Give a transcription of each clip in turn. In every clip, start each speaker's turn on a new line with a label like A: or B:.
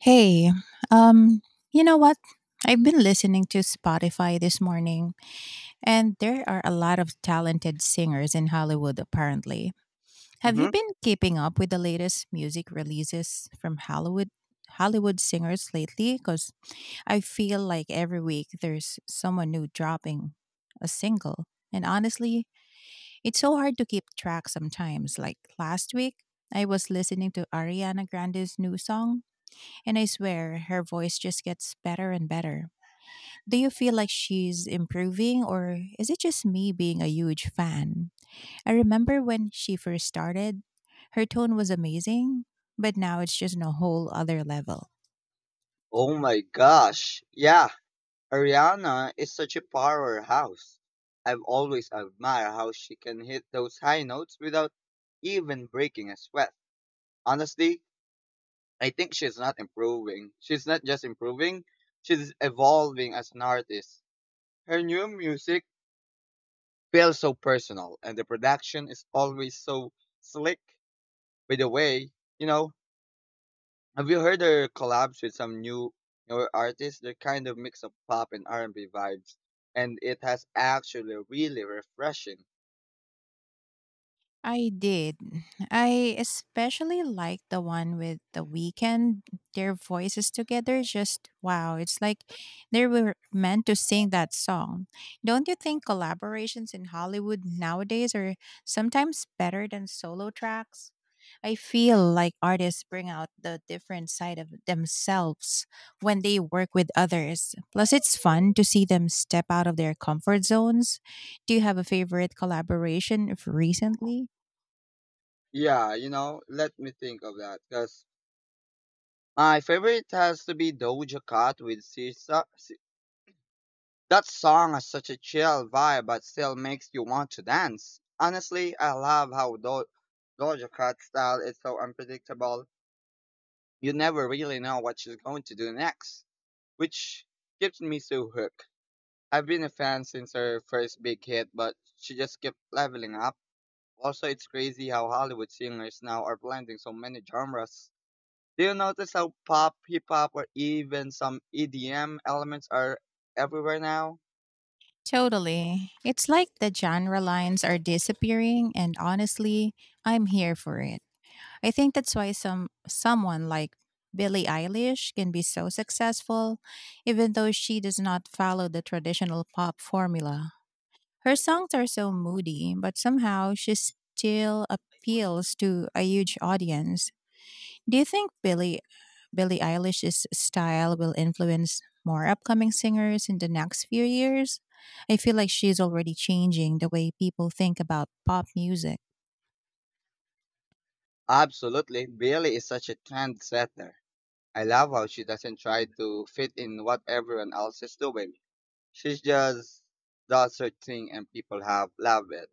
A: Hey, um, you know what? I've been listening to Spotify this morning, and there are a lot of talented singers in Hollywood, apparently. Have you
B: Hmm.
A: been keeping up with the latest music releases from Hollywood? Hollywood singers lately because I feel like every week there's someone new dropping a single. And honestly, it's so hard to keep track sometimes. Like last week, I was listening to Ariana Grande's new song and I swear, her voice just gets better and better. Do you feel like she's improving, or is it just me being a huge fan? I remember when she first started, her tone was amazing, but now it's just on a whole other level.
B: Oh my gosh. Yeah, Ariana is such a powerhouse. I've always admired how she can hit those high notes without even breaking a sweat. Honestly, I think She's not just improving, she's evolving as an artist. Her new music feels so personal, and the production is always so slick. By the way, you know, have you heard their collabs with some newer artists? They're kind of mix of pop and R and B vibes, and it has actually really refreshing.
A: I did. I especially like the one with the weekend. Their voices together just wow. It's like they were meant to sing that song. Don't you think collaborations in Hollywood nowadays are sometimes better than solo tracks? I feel like artists bring out the different side of themselves when they work with others. Plus, it's fun to see them step out of their comfort zones. Do you have a favorite collaboration of recently?
B: Yeah, you know, let me think of that because my favorite has to be Doja Cat with Sisa. That song has such a chill vibe, but still makes you want to dance. Honestly, I love how Doja Cat's style is so unpredictable. You never really know what she's going to do next, which keeps me so hooked. I've been a fan since her first big hit, but she just kept leveling up. Also, it's crazy how Hollywood singers now are blending so many genres. Do you notice how pop, hip hop, or even some EDM elements are everywhere now?
A: Totally. It's like the genre lines are disappearing and honestly, I'm here for it. I think that's why someone like Billie Eilish can be so successful even though she does not follow the traditional pop formula. Her songs are so moody, but somehow she still appeals to a huge audience. Do you think Billie Eilish's style will influence more upcoming singers in the next few years? I feel like she's already changing the way people think about pop music.
B: Absolutely. Billie is such a trendsetter. I love how she doesn't try to fit in what everyone else is doing. She just does her thing and people have love it.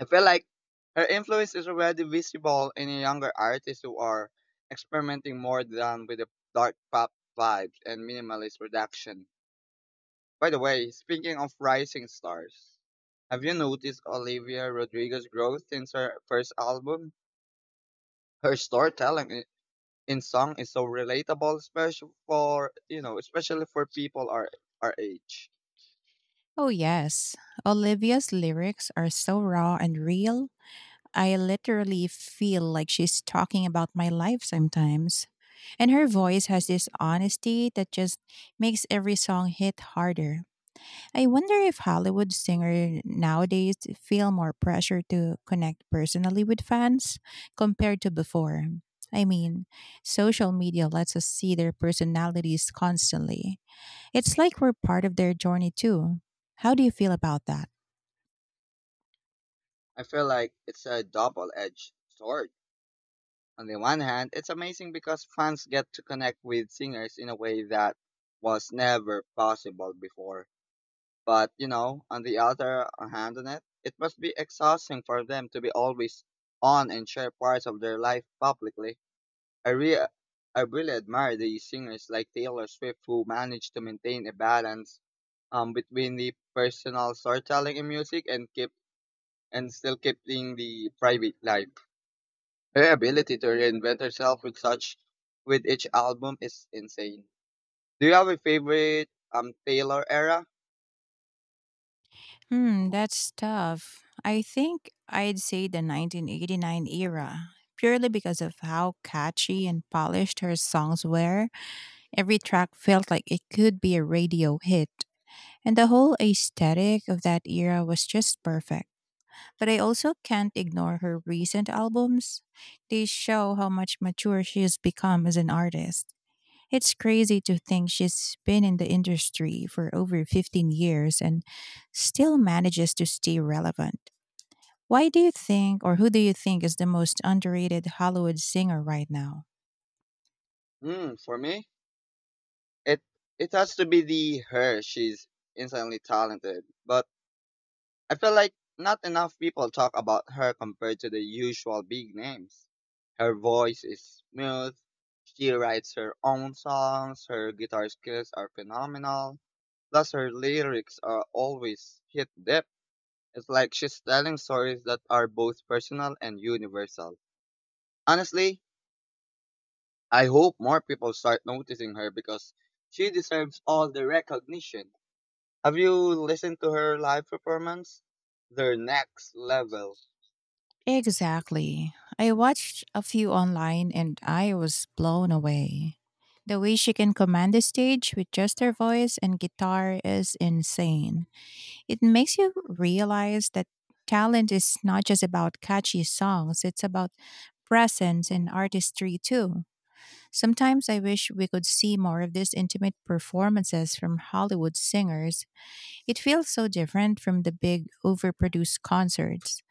B: I feel like her influence is already visible in the younger artists who are experimenting more than with the dark pop vibes and minimalist production. By the way, speaking of rising stars, have you noticed Olivia Rodrigo's growth since her first album? Her storytelling in song is so relatable, especially for especially for people our age.
A: Oh, yes. Olivia's lyrics are so raw and real, I literally feel like she's talking about my life sometimes. And her voice has this honesty that just makes every song hit harder. I wonder if Hollywood singers nowadays feel more pressure to connect personally with fans compared to before. I mean, social media lets us see their personalities constantly. It's like we're part of their journey too. How do you feel about that?
B: I feel like it's a double-edged sword. On the one hand, it's amazing because fans get to connect with singers in a way that was never possible before. But, you know, on the other hand, it must be exhausting for them to be always on and share parts of their life publicly. I, re- I really admire these singers like Taylor Swift who manage to maintain a balance between the personal storytelling in music and keep and still keeping the private life. Her ability to reinvent herself with such with each album is insane. Do you have a favorite Taylor era?
A: Hmm, that's tough. I think I'd say the 1989 era, purely because of how catchy and polished her songs were. Every track felt like it could be a radio hit. And the whole aesthetic of that era was just perfect. But I also can't ignore her recent albums. They show how much mature she has become as an artist. It's crazy to think she's been in the industry for over 15 years and still manages to stay relevant. Why do you think, or who do you think is the most underrated Hollywood singer right now?
B: Hmm, for me, it it has to be the her. She's insanely talented, but I feel like not enough people talk about her compared to the usual big names. Her voice is smooth. She writes her own songs. Her guitar skills are phenomenal. Plus, her lyrics are always hit depth. It's like she's telling stories that are both personal and universal. Honestly, I hope more people start noticing her because she deserves all the recognition. Have you listened to her live performance? They're next level.
A: Exactly. I watched a few online and I was blown away. The way she can command the stage with just her voice and guitar is insane. It makes you realize that talent is not just about catchy songs, it's about presence and artistry too. Sometimes I wish we could see more of these intimate performances from Hollywood singers. It feels so different from the big, overproduced concerts.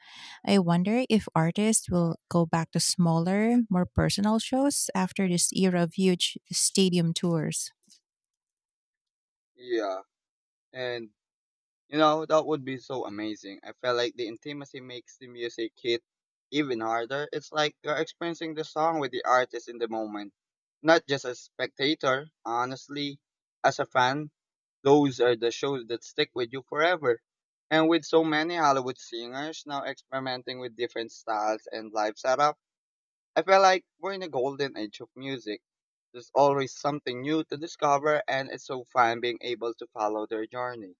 A: I wonder if artists will go back to smaller, more personal shows after this era of huge stadium tours.
B: Yeah. And that would be so amazing. I feel like the intimacy makes the music hit even harder. It's like you're experiencing the song with the artist in the moment, not just a spectator. Honestly, as a fan, those are the shows that stick with you forever. And with so many Hollywood singers now experimenting with different styles and live setup, I feel like we're in a golden age of music. There's always something new to discover, and it's so fun being able to follow their journey.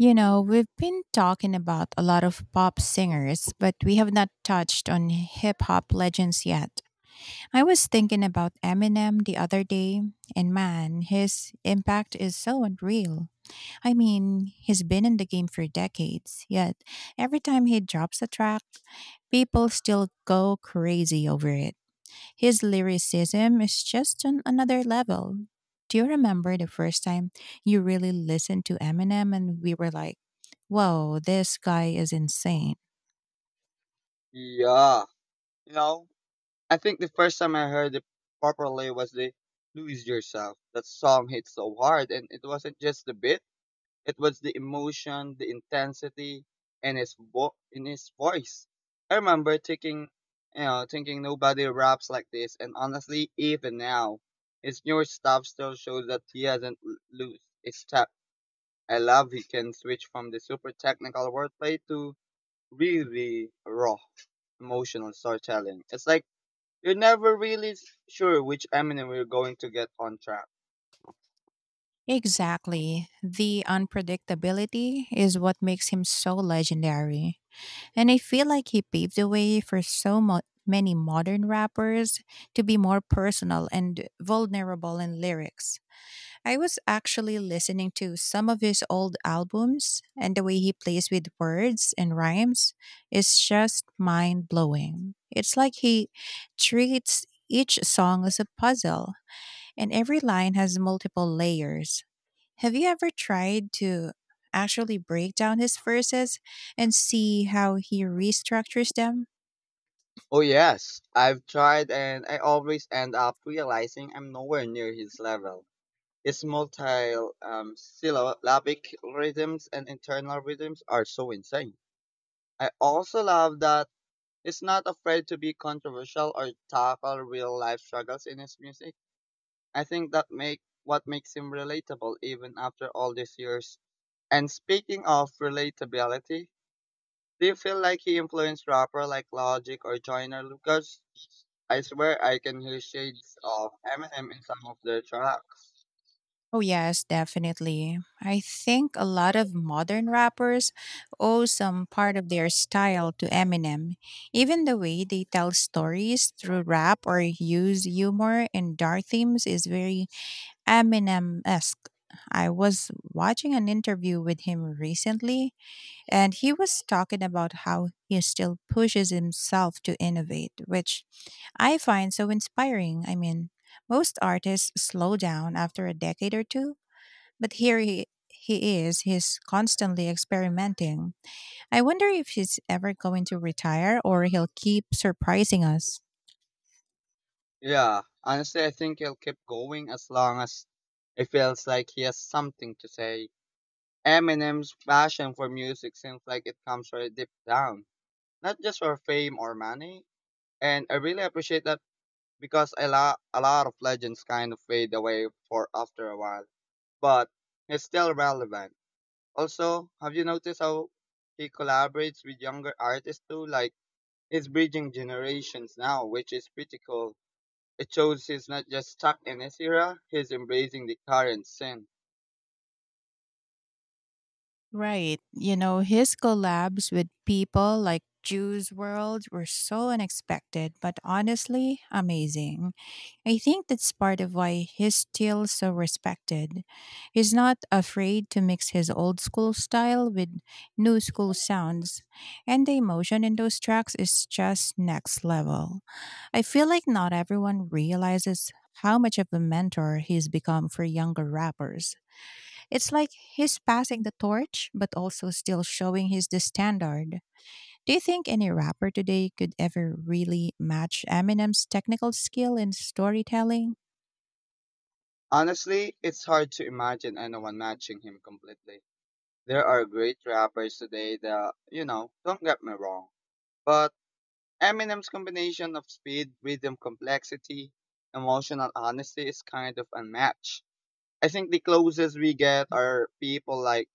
A: You know, we've been talking about a lot of pop singers, but we have not touched on hip hop legends yet. I was thinking about Eminem the other day, and man, his impact is so unreal. I mean, he's been in the game for decades, yet every time he drops a track, people still go crazy over it. His lyricism is just on another level. Do you remember the first time you really listened to Eminem and we were like, whoa, this guy is insane?
B: Yeah. You know, I think the first time I heard it properly was the Lose Yourself. That song hit so hard, and it wasn't just the beat, it was the emotion, the intensity, and in his voice. I remember thinking nobody raps like this, and honestly, even now, his newer stuff still shows that he hasn't lose a step. I love he can switch from the super technical wordplay to really raw emotional storytelling. It's like you're never really sure which Eminem you're going to get on track.
A: Exactly. The unpredictability is what makes him so legendary. And I feel like he paved the way for many modern rappers to be more personal and vulnerable in lyrics. I was actually listening to some of his old albums, and the way he plays with words and rhymes is just mind blowing. It's like he treats each song as a puzzle, and every line has multiple layers. Have you ever tried to actually break down his verses and see how he restructures them?
B: Oh yes, I've tried and I always end up realizing I'm nowhere near his level. His multi syllabic rhythms and internal rhythms are so insane. I also love that he's not afraid to be controversial or tackle real life struggles in his music. I think that make what makes him relatable even after all these years. And speaking of relatability, do you feel like he influenced rapper like Logic or Joyner Lucas? I swear I can hear shades of Eminem in some of their tracks.
A: Oh, yes, definitely. I think a lot of modern rappers owe some part of their style to Eminem. Even the way they tell stories through rap or use humor and dark themes is very Eminem esque. I was watching an interview with him recently, and he was talking about how he still pushes himself to innovate, which I find so inspiring. I mean, most artists slow down after a decade or two, but here he's constantly experimenting. I wonder if he's ever going to retire or he'll keep surprising us.
B: Yeah, honestly, I think he'll keep going as long as it feels like he has something to say. Eminem's passion for music seems like it comes very deep down, not just for fame or money. And I really appreciate that because a lot of legends kind of fade away for after a while, but he's still relevant. Also, have you noticed how he collaborates with younger artists too? Like, he's bridging generations now, which is pretty cool. It shows he's not just stuck in his era, he's embracing the current scene.
A: Right. You know, his collabs with people like Juice World were so unexpected, but honestly, amazing. I think that's part of why he's still so respected. He's not afraid to mix his old school style with new school sounds, and the emotion in those tracks is just next level. I feel like not everyone realizes how much of a mentor he's become for younger rappers. It's like he's passing the torch, but also still showing he's the standard. Do you think any rapper today could ever really match Eminem's technical skill in storytelling?
B: Honestly, it's hard to imagine anyone matching him completely. There are great rappers today that, you know, don't get me wrong, but Eminem's combination of speed, rhythm, complexity, emotional honesty is kind of unmatched. I think the closest we get are people like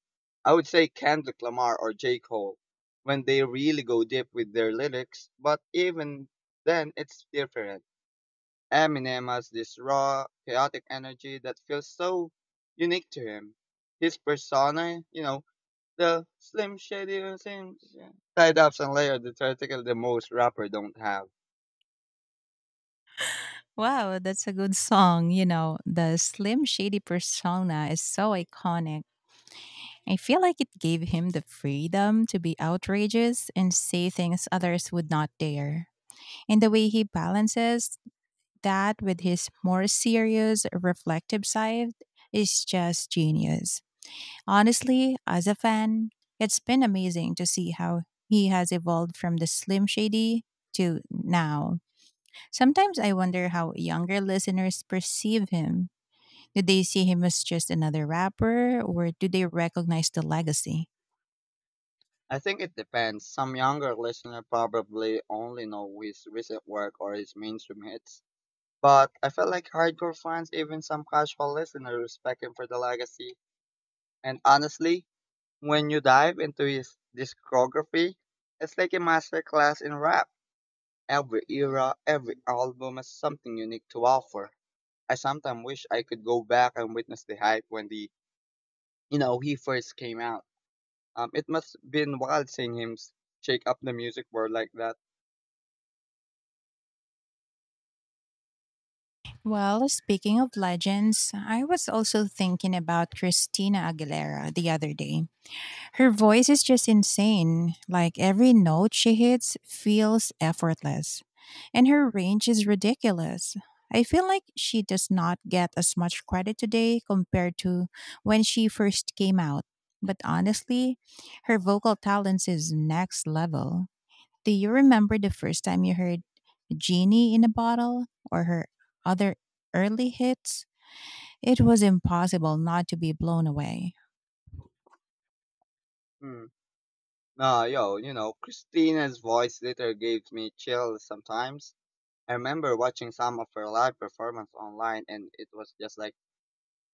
B: I would say Kendrick Lamar or J. Cole when they really go deep with their lyrics, but even then it's different. Eminem has this raw, chaotic energy that feels so unique to him. His persona, you know, the slim shady slim tied ups and layered the theoretical the most rapper don't have.
A: Wow, that's a good song. You know, the Slim Shady persona is so iconic. I feel like it gave him the freedom to be outrageous and say things others would not dare. And the way he balances that with his more serious, reflective side is just genius. Honestly, as a fan, it's been amazing to see how he has evolved from the Slim Shady to now. Sometimes I wonder how younger listeners perceive him. Did they see him as just another rapper, or do they recognize the legacy?
B: I think it depends. Some younger listener probably only know his recent work or his mainstream hits. But I felt like hardcore fans, even some casual listeners, respect him for the legacy. And honestly, when you dive into his discography, it's like a masterclass in rap. Every era, every album has something unique to offer. I sometimes wish I could go back and witness the hype when the you know he first came out. It must been wild seeing him shake up the music world like that.
A: Well, speaking of legends, I was also thinking about Christina Aguilera the other day. Her voice is just insane. Like every note she hits feels effortless, and her range is ridiculous. I feel like she does not get as much credit today compared to when she first came out. But honestly, her vocal talents is next level. Do you remember the first time you heard Genie in a Bottle or her other early hits? It was impossible not to be blown away.
B: Hmm. Nah, yo, you know, Christina's voice later gave me chills sometimes. I remember watching some of her live performance online and it was just like,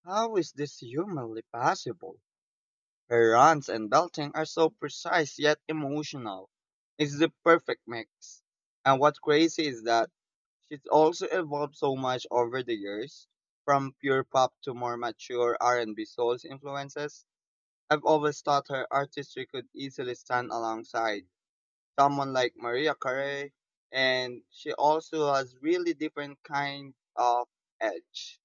B: how is this humanly possible? Her runs and belting are so precise yet emotional. It's the perfect mix. And what's crazy is that she's also evolved so much over the years, from pure pop to more mature R&B soul influences. I've always thought her artistry could easily stand alongside someone like Maria Carey, and she also has really different kind of edge.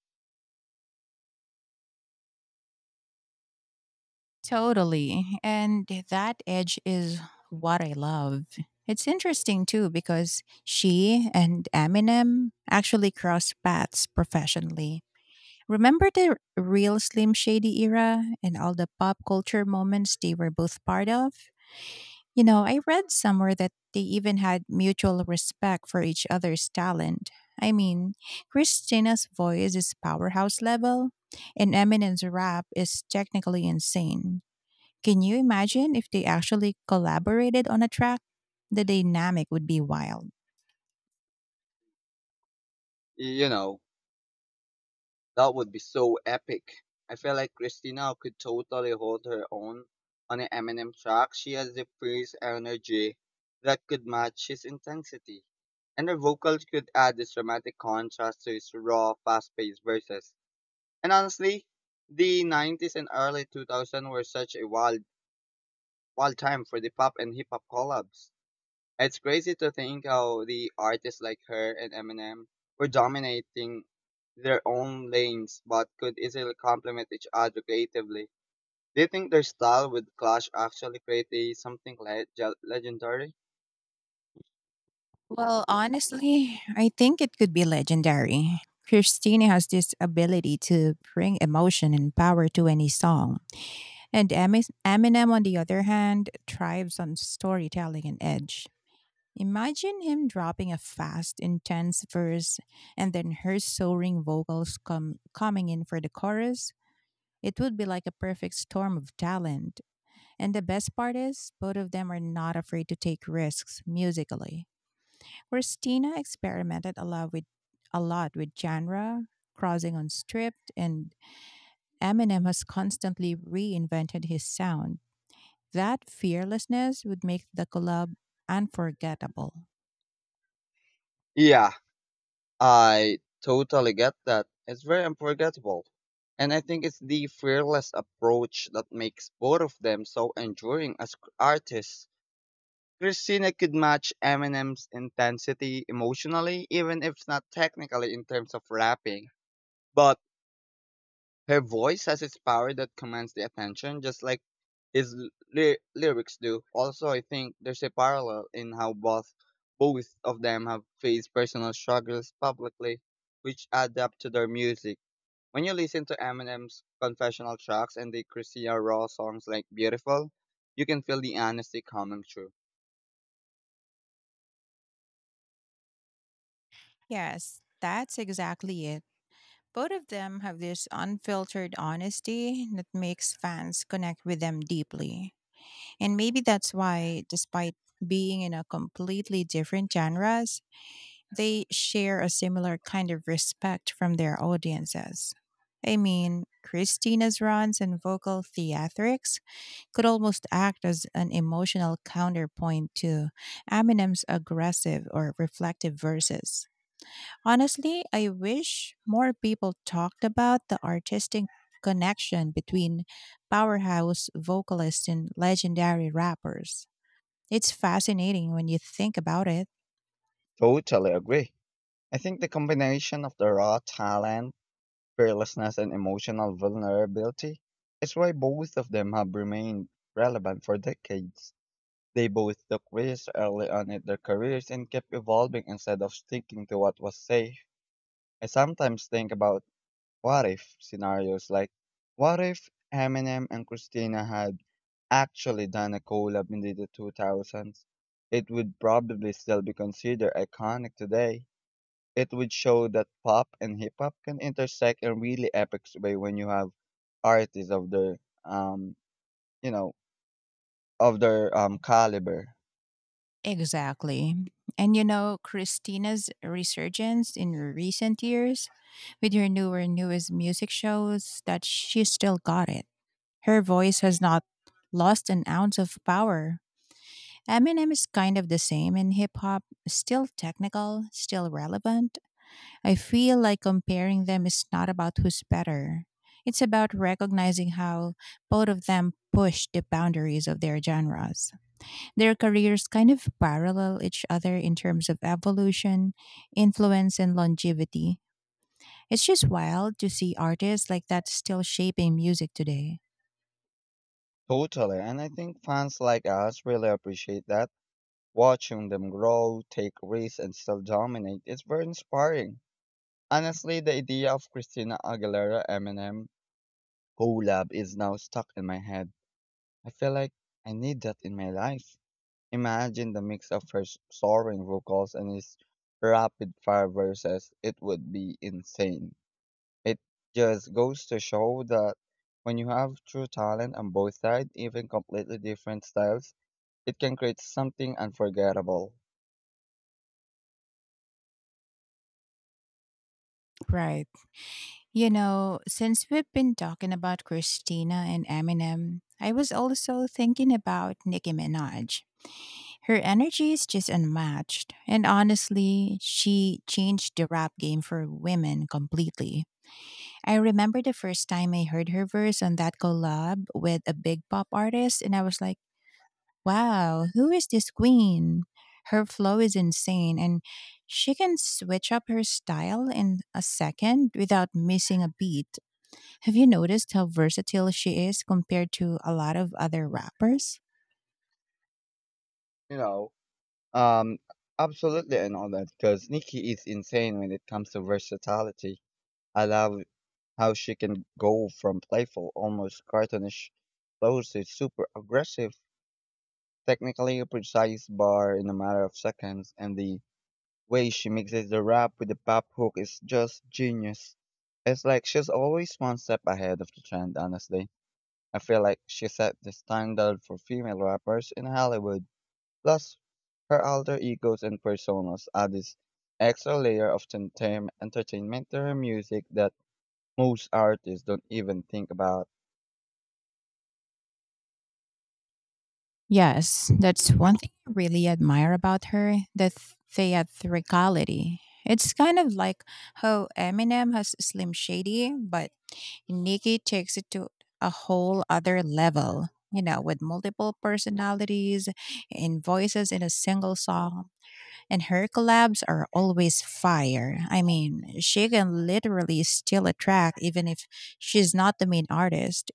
A: Totally. And that edge is what I love. It's interesting too because she and Eminem actually crossed paths professionally. Remember the real Slim Shady era and all the pop culture moments they were both part of? You know, I read somewhere that they even had mutual respect for each other's talent. I mean, Christina's voice is powerhouse level, and Eminem's rap is technically insane. Can you imagine if they actually collaborated on a track? The dynamic would be wild.
B: You know, that would be so epic. I feel like Christina could totally hold her own on an Eminem track. She has the fierce energy that could match his intensity, and her vocals could add this dramatic contrast to his raw, fast-paced verses. And honestly, the 90s and early 2000s were such a wild time for the pop and hip hop collabs. It's crazy to think how the artists like her and Eminem were dominating their own lanes but could easily complement each other creatively. Do you think their style would clash actually create a something legendary?
A: Well, honestly, I think it could be legendary. Christina has this ability to bring emotion and power to any song. And Eminem, on the other hand, thrives on storytelling and edge. Imagine him dropping a fast, intense verse and then her soaring vocals coming in for the chorus. It would be like a perfect storm of talent. And the best part is, both of them are not afraid to take risks musically. Christina experimented a lot with genre, crossing on stripped, and Eminem has constantly reinvented his sound. That fearlessness would make the collab unforgettable.
B: Yeah, I totally get that. It's very unforgettable. And I think it's the fearless approach that makes both of them so enduring as artists. Christina could match Eminem's intensity emotionally, even if not technically in terms of rapping. But her voice has its power that commands the attention, just like his lyrics do. Also, I think there's a parallel in how both of them have faced personal struggles publicly, which add up to their music. When you listen to Eminem's confessional tracks and the Christina Raw songs like Beautiful, you can feel the honesty coming through.
A: Yes, that's exactly it. Both of them have this unfiltered honesty that makes fans connect with them deeply. And maybe that's why, despite being in a completely different genres, they share a similar kind of respect from their audiences. I mean, Christina's runs and vocal theatrics could almost act as an emotional counterpoint to Eminem's aggressive or reflective verses. Honestly, I wish more people talked about the artistic connection between powerhouse vocalists and legendary rappers. It's fascinating when you think about it.
B: Totally agree. I think the combination of the raw talent, fearlessness, and emotional vulnerability is why both of them have remained relevant for decades. They both took risks early on in their careers and kept evolving instead of sticking to what was safe. I sometimes think about what if scenarios like what if Eminem and Christina had actually done a collab in the 2000s? It would probably still be considered iconic today. It would show that pop and hip hop can intersect in really epic way when you have artists of their um you know caliber.
A: Exactly. And you know, Christina's resurgence in recent years with her newer newest music shows that she still got it. Her voice has not lost an ounce of power. Eminem is kind of the same in hip hop, still technical, still relevant. I feel like comparing them is not about who's better. It's about recognizing how both of them push the boundaries of their genres. Their careers kind of parallel each other in terms of evolution, influence, and longevity. It's just wild to see artists like that still shaping music today.
B: Totally, and I think fans like us really appreciate that. Watching them grow, take risks, and still dominate is very inspiring. Honestly, the idea of Christina Aguilera Eminem collab is now stuck in my head. I feel like I need that in my life. Imagine the mix of her soaring vocals and his rapid fire verses. It would be insane. It just goes to show that when you have true talent on both sides, even completely different styles, it can create something unforgettable.
A: Right. You know, since we've been talking about Christina and Eminem, I was also thinking about Nicki Minaj. Her energy is just unmatched. And honestly, she changed the rap game for women completely. I remember the first time I heard her verse on that collab with a big pop artist, and I was like, wow, who is this queen? Her flow is insane, and she can switch up her style in a second without missing a beat. Have you noticed how versatile she is compared to a lot of other rappers?
B: You know, um, absolutely and all that, because Nikki is insane when it comes to versatility. I love how she can go from playful, almost cartoonish, close to super aggressive technically a precise bar in a matter of seconds, and the way she mixes the rap with the pop hook is just genius. It's like she's always one step ahead of the trend, honestly. I feel like she set the standard for female rappers in Hollywood. Plus, her alter egos and personas add this extra layer of entertainment to her music that most artists don't even think about.
A: Yes, that's one thing I really admire about her, the theatricality. It's kind of like how Eminem has Slim Shady, but Nicki takes it to a whole other level, you know, with multiple personalities and voices in a single song. And her collabs are always fire. I mean, she can literally steal a track even if she's not the main artist.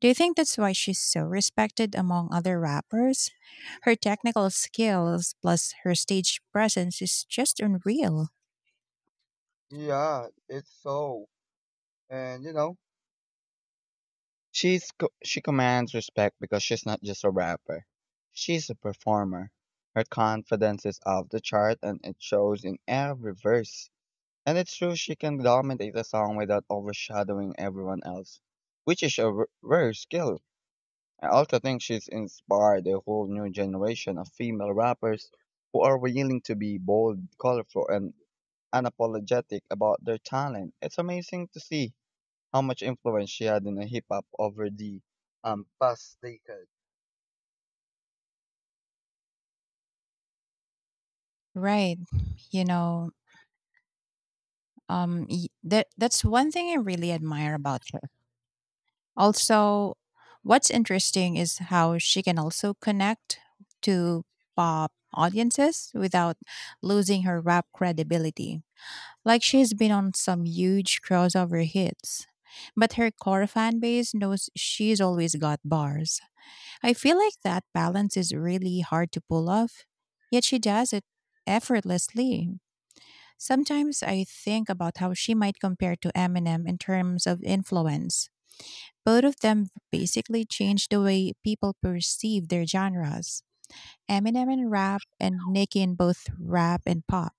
A: Do you think that's why she's so respected among other rappers? Her technical skills plus her stage presence is just unreal.
B: Yeah, it's so. And you know, she commands respect because she's not just a rapper. She's a performer. Her confidence is off the chart and it shows in every verse. And it's true she can dominate a song without overshadowing everyone else, which is a rare skill. I also think she's inspired a whole new generation of female rappers who are willing to be bold, colorful, and unapologetic about their talent. It's amazing to see how much influence she had in the hip hop over the past decade.
A: Right. You know, that's one thing I really admire about her. Also, what's interesting is how she can also connect to pop audiences without losing her rap credibility. Like she's been on some huge crossover hits. But her core fan base knows she's always got bars. I feel like that balance is really hard to pull off, yet she does it effortlessly. Sometimes I think about how she might compare to Eminem in terms of influence. Both of them basically changed the way people perceive their genres. Eminem in rap and Nicki in both rap and pop.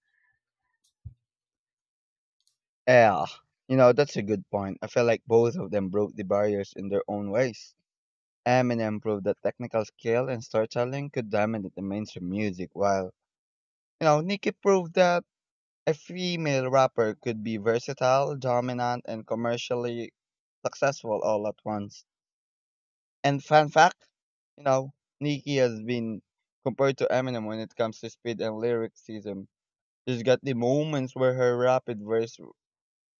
B: Yeah, you know that's a good point. I feel like both of them broke the barriers in their own ways. Eminem proved that technical skill and storytelling could dominate the mainstream music, while you know Nicki proved that a female rapper could be versatile, dominant, and commercially successful all at once. And fun fact, you know, Nicki has been compared to Eminem when it comes to speed and lyricism. She's got the moments where her rapid verse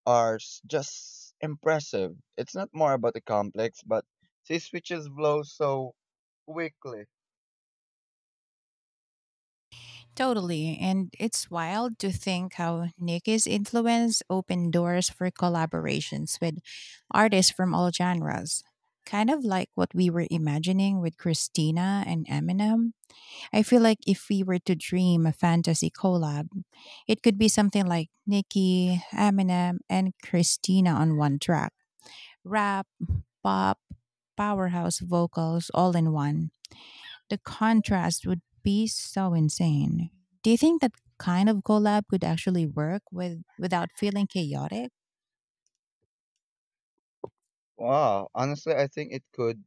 B: just impressive. It's not more about the complex, but she switches flows so quickly.
A: Totally. And it's wild to think how Nicky's influence opened doors for collaborations with artists from all genres. Kind of like what we were imagining with Christina and Eminem. I feel like if we were to dream a fantasy collab, it could be something like Nicki, Eminem, and Christina on one track. Rap, pop, powerhouse vocals all in one. The contrast would be so insane. Do you think that kind of collab could actually work with without feeling chaotic?
B: Wow, honestly, I think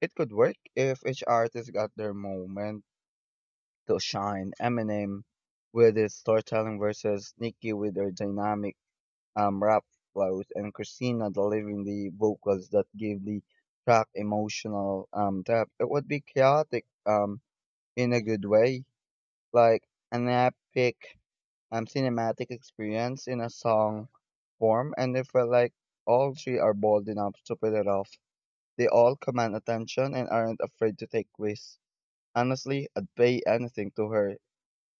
B: it could work if each artist got their moment to shine. Eminem with his storytelling versus Nicki with her dynamic rap flows, and Christina delivering the vocals that give the track emotional depth. It would be chaotic in a good way like an epic, cinematic experience in a song form, and I felt like all three are bold enough to pull it off. They all command attention and aren't afraid to take risks. Honestly, I'd pay anything to hear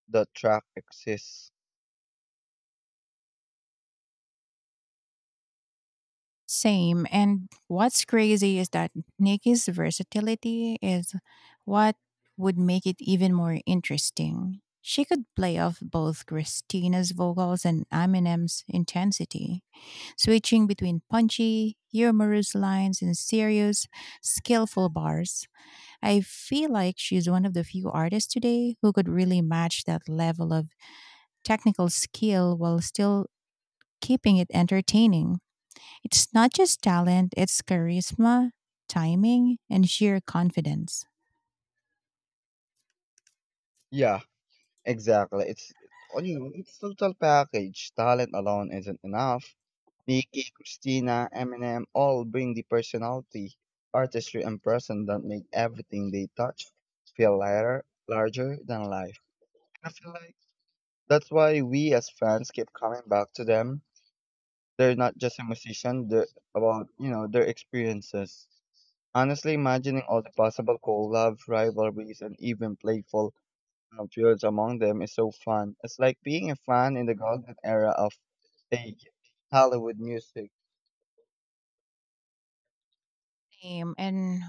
B: the track exists.
A: Same. And what's crazy is that Nikki's versatility is what would make it even more interesting. She could play off both Christina's vocals and Eminem's intensity, switching between punchy, humorous lines and serious, skillful bars. I feel like she's one of the few artists today who could really match that level of technical skill while still keeping it entertaining. It's not just talent, it's charisma, timing, and sheer confidence.
B: Yeah. Exactly. It's on you. It's total package. Talent alone isn't enough. Nicki, Christina, Eminem all bring the personality, artistry, and person that make everything they touch feel lighter, larger than life. I feel like that's why we as fans keep coming back to them. They're not just a musician. They're about you know their experiences. Honestly, imagining all the possible collab rivalries and even playful of fields among them is so fun. It's like being a fan in the golden era of fake Hollywood music.
A: Same. And,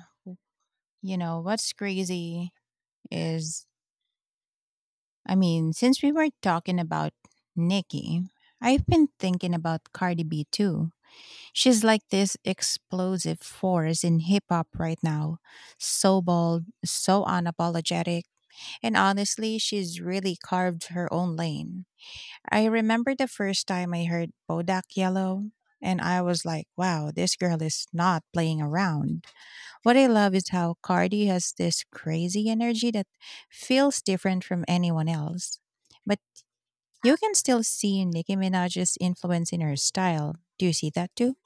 A: you know, what's crazy is, I mean, since we were talking about Nikki, I've been thinking about Cardi B too. She's like this explosive force in hip hop right now. So bold, so unapologetic, and honestly, she's really carved her own lane. I remember the first time I heard Bodak Yellow, and I was like, wow, this girl is not playing around. What I love is how Cardi has this crazy energy that feels different from anyone else. But you can still see Nicki Minaj's influence in her style. Do you see that too?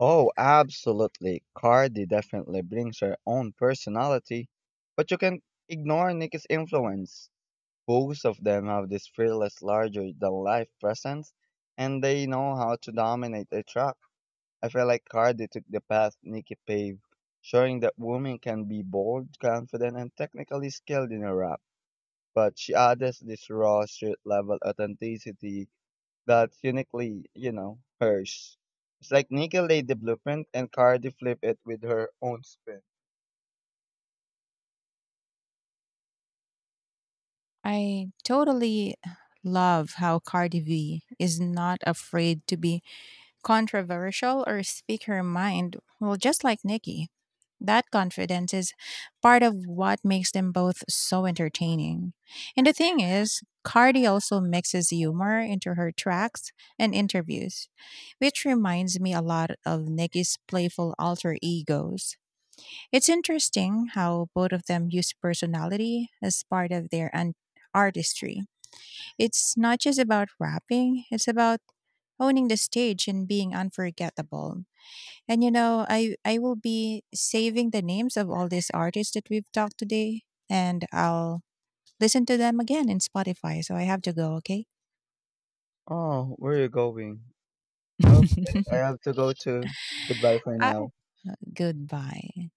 B: Oh, absolutely. Cardi definitely brings her own personality, but you can ignore Nicki's influence. Both of them have this fearless, larger than life presence, and they know how to dominate a track. I feel like Cardi took the path Nicki paved, showing that women can be bold, confident, and technically skilled in a rap, but she adds this raw street level authenticity that's uniquely, you know, hers. It's like Nika laid the blueprint and Cardi flipped it with her own spin.
A: I totally love how Cardi B is not afraid to be controversial or speak her mind, well, just like Nikki. That confidence is part of what makes them both so entertaining. And the thing is, Cardi also mixes humor into her tracks and interviews, which reminds me a lot of Nikki's playful alter egos. It's interesting how both of them use personality as part of their artistry. It's not just about rapping, it's about owning the stage and being unforgettable. And you know, I will be saving the names of all these artists that we've talked today and I'll listen to them again in Spotify. So I have to go, okay?
B: Oh, where are you going? Okay, I have to go too. Goodbye for
A: Ah,
B: now.
A: goodbye.